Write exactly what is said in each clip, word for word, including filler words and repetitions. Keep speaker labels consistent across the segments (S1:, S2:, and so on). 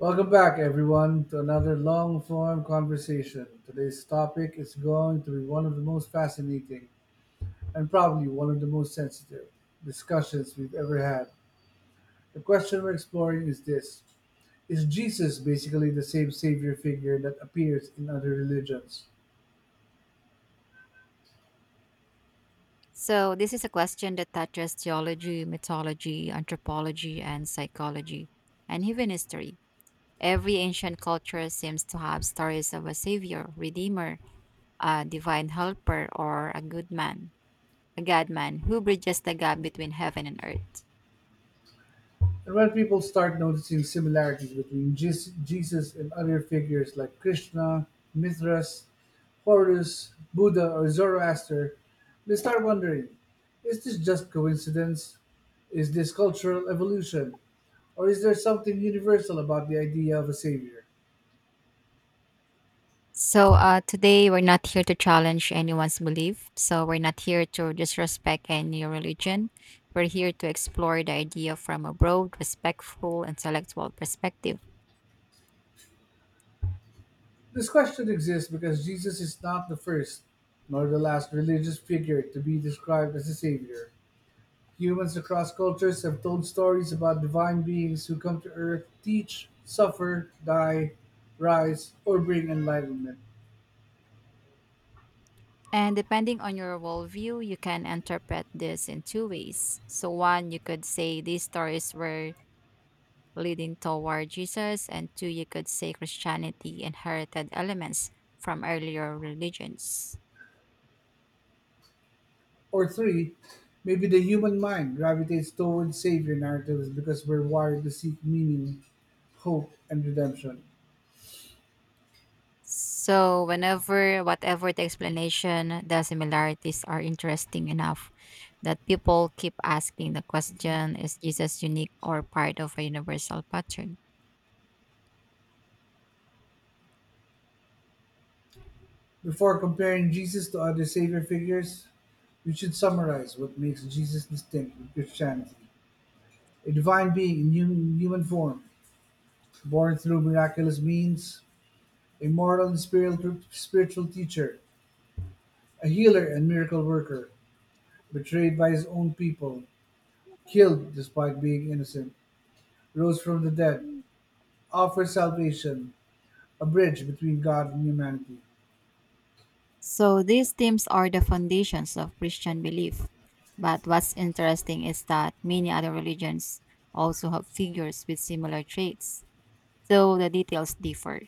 S1: Welcome back, everyone, to another long form conversation. Today's topic is going to be one of the most fascinating and probably one of the most sensitive discussions we've ever had. The question we're exploring is this: is Jesus basically the same savior figure that appears in other religions?
S2: So, this is a question that touches theology, mythology, anthropology, and psychology, and even history. Every ancient culture seems to have stories of a savior, redeemer, a divine helper, or a good man, a god man who bridges the gap between heaven and earth.
S1: And when people start noticing similarities between Jes- Jesus and other figures like Krishna, Mithras, Horus, Buddha, or Zoroaster, they start wondering, is this just coincidence? Is this cultural evolution? Or is there something universal about the idea of a savior?
S2: So, uh, today we're not here to challenge anyone's belief. So, we're not here to disrespect any religion. We're here to explore the idea from a broad, respectful, intellectual perspective.
S1: This question exists because Jesus is not the first nor the last religious figure to be described as a savior. Humans across cultures have told stories about divine beings who come to Earth, teach, suffer, die, rise, or bring enlightenment.
S2: And depending on your worldview, you can interpret this in two ways. So, one, you could say these stories were leading toward Jesus, and two, you could say Christianity inherited elements from earlier religions.
S1: Or three, maybe the human mind gravitates towards savior narratives because we're wired to seek meaning, hope, and redemption.
S2: So, whenever, whatever the explanation, the similarities are interesting enough that people keep asking the question: is Jesus unique or part of a universal pattern?
S1: Before comparing Jesus to other savior figures, we should summarize what makes Jesus distinct with Christianity. A divine being in human, human form, born through miraculous means, a moral and spiritual spiritual teacher, a healer and miracle worker, betrayed by his own people, killed despite being innocent, rose from the dead, offers salvation, a bridge between God and humanity.
S2: So these themes are the foundations of Christian belief. But what's interesting is that many other religions also have figures with similar traits, though the details differ.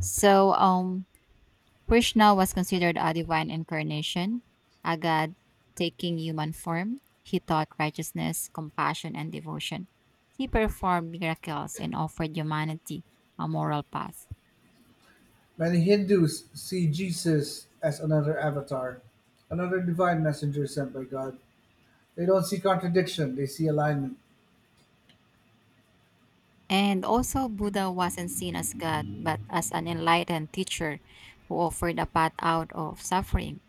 S2: So um Krishna was considered a divine incarnation, a god taking human form. He taught righteousness, compassion, and devotion. He performed miracles and offered humanity a moral path.
S1: Many Hindus see Jesus as another avatar, another divine messenger sent by God. They don't see contradiction, they see alignment.
S2: And also, Buddha wasn't seen as God, but as an enlightened teacher who offered a path out of suffering.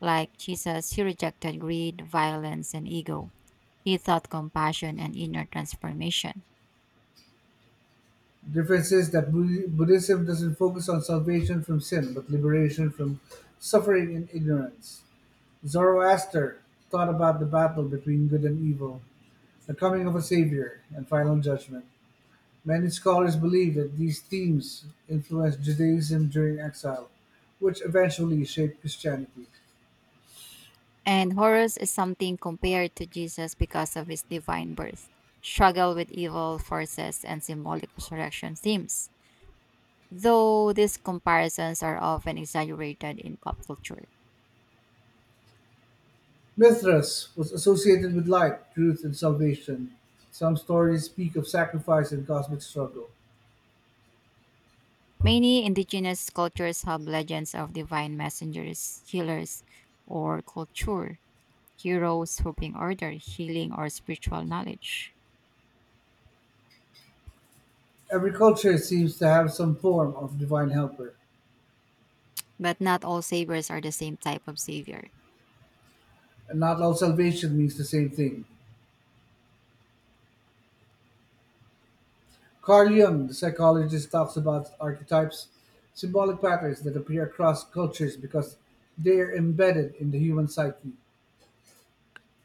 S2: Like Jesus, he rejected greed, violence, and ego. He taught compassion and inner transformation.
S1: The difference is that Bud- Buddhism doesn't focus on salvation from sin, but liberation from suffering and ignorance. Zoroaster taught about the battle between good and evil, the coming of a savior, and final judgment. Many scholars believe that these themes influenced Judaism during exile, which eventually shaped Christianity.
S2: And Horus is something compared to Jesus because of his divine birth, struggle with evil forces, and symbolic resurrection themes. Though these comparisons are often exaggerated in pop culture.
S1: Mithras was associated with light, truth, and salvation. Some stories speak of sacrifice and cosmic struggle.
S2: Many indigenous cultures have legends of divine messengers, healers, or culture, heroes who bring order, healing, or spiritual knowledge.
S1: Every culture seems to have some form of divine helper,
S2: But not all saviors are the same type of savior.
S1: and not all salvation means the same thing. Carl Jung, the psychologist, talks about archetypes, symbolic patterns that appear across cultures because they are embedded in the human psyche.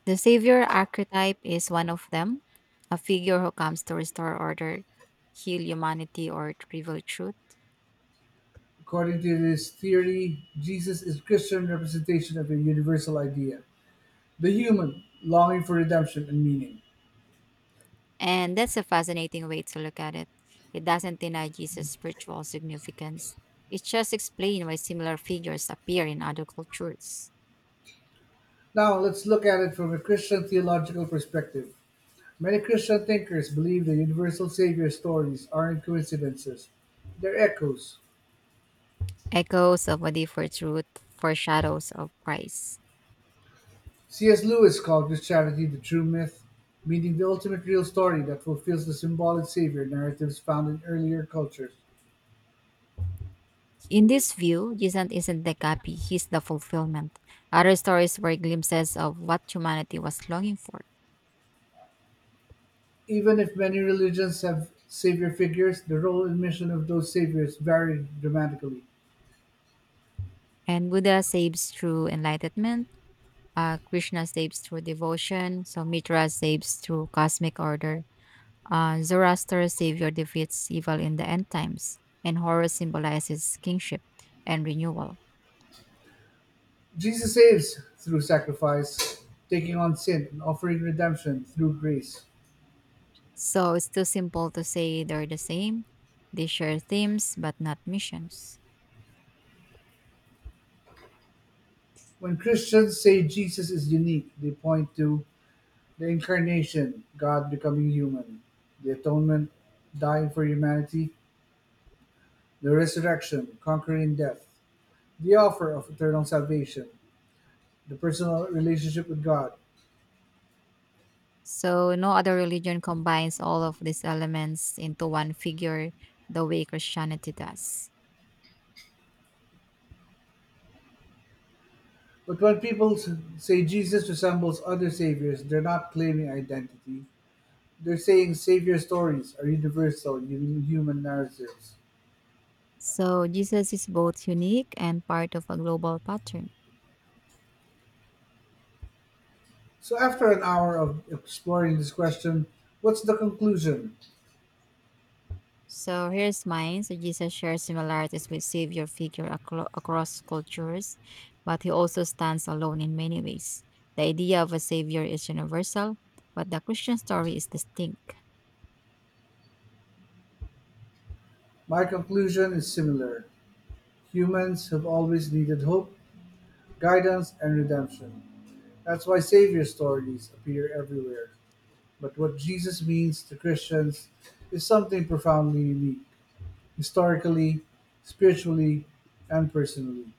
S2: The savior archetype is one of them, a figure who comes to restore order, heal humanity, or to reveal truth.
S1: According to this theory, Jesus is Christian representation of a universal idea, the human longing for redemption and meaning.
S2: And that's a fascinating way to look at it. It doesn't deny Jesus' spiritual significance. It just explains why similar figures appear in other cultures.
S1: Now, let's look at it from a Christian theological perspective. Many Christian thinkers believe the universal savior stories aren't coincidences, they're echoes.
S2: Echoes of a deeper truth, foreshadows of Christ.
S1: C. S. Lewis called this charity the true myth, meaning the ultimate real story that fulfills the symbolic savior narratives found in earlier cultures.
S2: In this view, Jesus isn't the copy, he's the fulfillment. Other stories were glimpses of what humanity was longing for.
S1: Even if many religions have savior figures, the role and mission of those saviors vary dramatically.
S2: And Buddha saves through enlightenment, uh, Krishna saves through devotion, so Mitra saves through cosmic order, uh, Zoroaster savior defeats evil in the end times, and Horus symbolizes kingship and renewal.
S1: Jesus saves through sacrifice, taking on sin, and offering redemption through grace.
S2: So it's too simple to say they're the same. They share themes but not missions.
S1: When Christians say Jesus is unique, they point to the incarnation, God becoming human, the atonement, dying for humanity, the resurrection, conquering death, the offer of eternal salvation, the personal relationship with God.
S2: So no other religion combines all of these elements into one figure the way Christianity does.
S1: But when people s- say Jesus resembles other saviors, they're not claiming identity. They're saying savior stories are universal u- human narratives.
S2: So Jesus is both unique and part of a global pattern.
S1: So, after an hour of exploring this question, what's the conclusion?
S2: So here's mine. So Jesus shares similarities with Savior figure acro- across cultures, but he also stands alone in many ways. The idea of a Savior is universal, but the Christian story is distinct.
S1: My conclusion is similar. Humans have always needed hope, guidance, and redemption. That's why savior stories appear everywhere. But what Jesus means to Christians is something profoundly unique, historically, spiritually, and personally.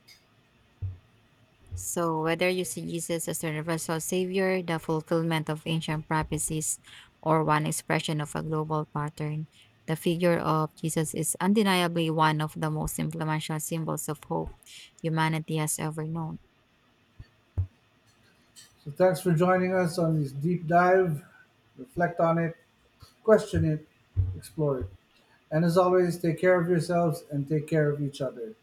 S2: So, whether you see Jesus as the universal savior, the fulfillment of ancient prophecies, or one expression of a global pattern, the figure of Jesus is undeniably one of the most influential symbols of hope humanity has ever known.
S1: So thanks for joining us on this deep dive. Reflect on it, question it, explore it. And as always, take care of yourselves and take care of each other.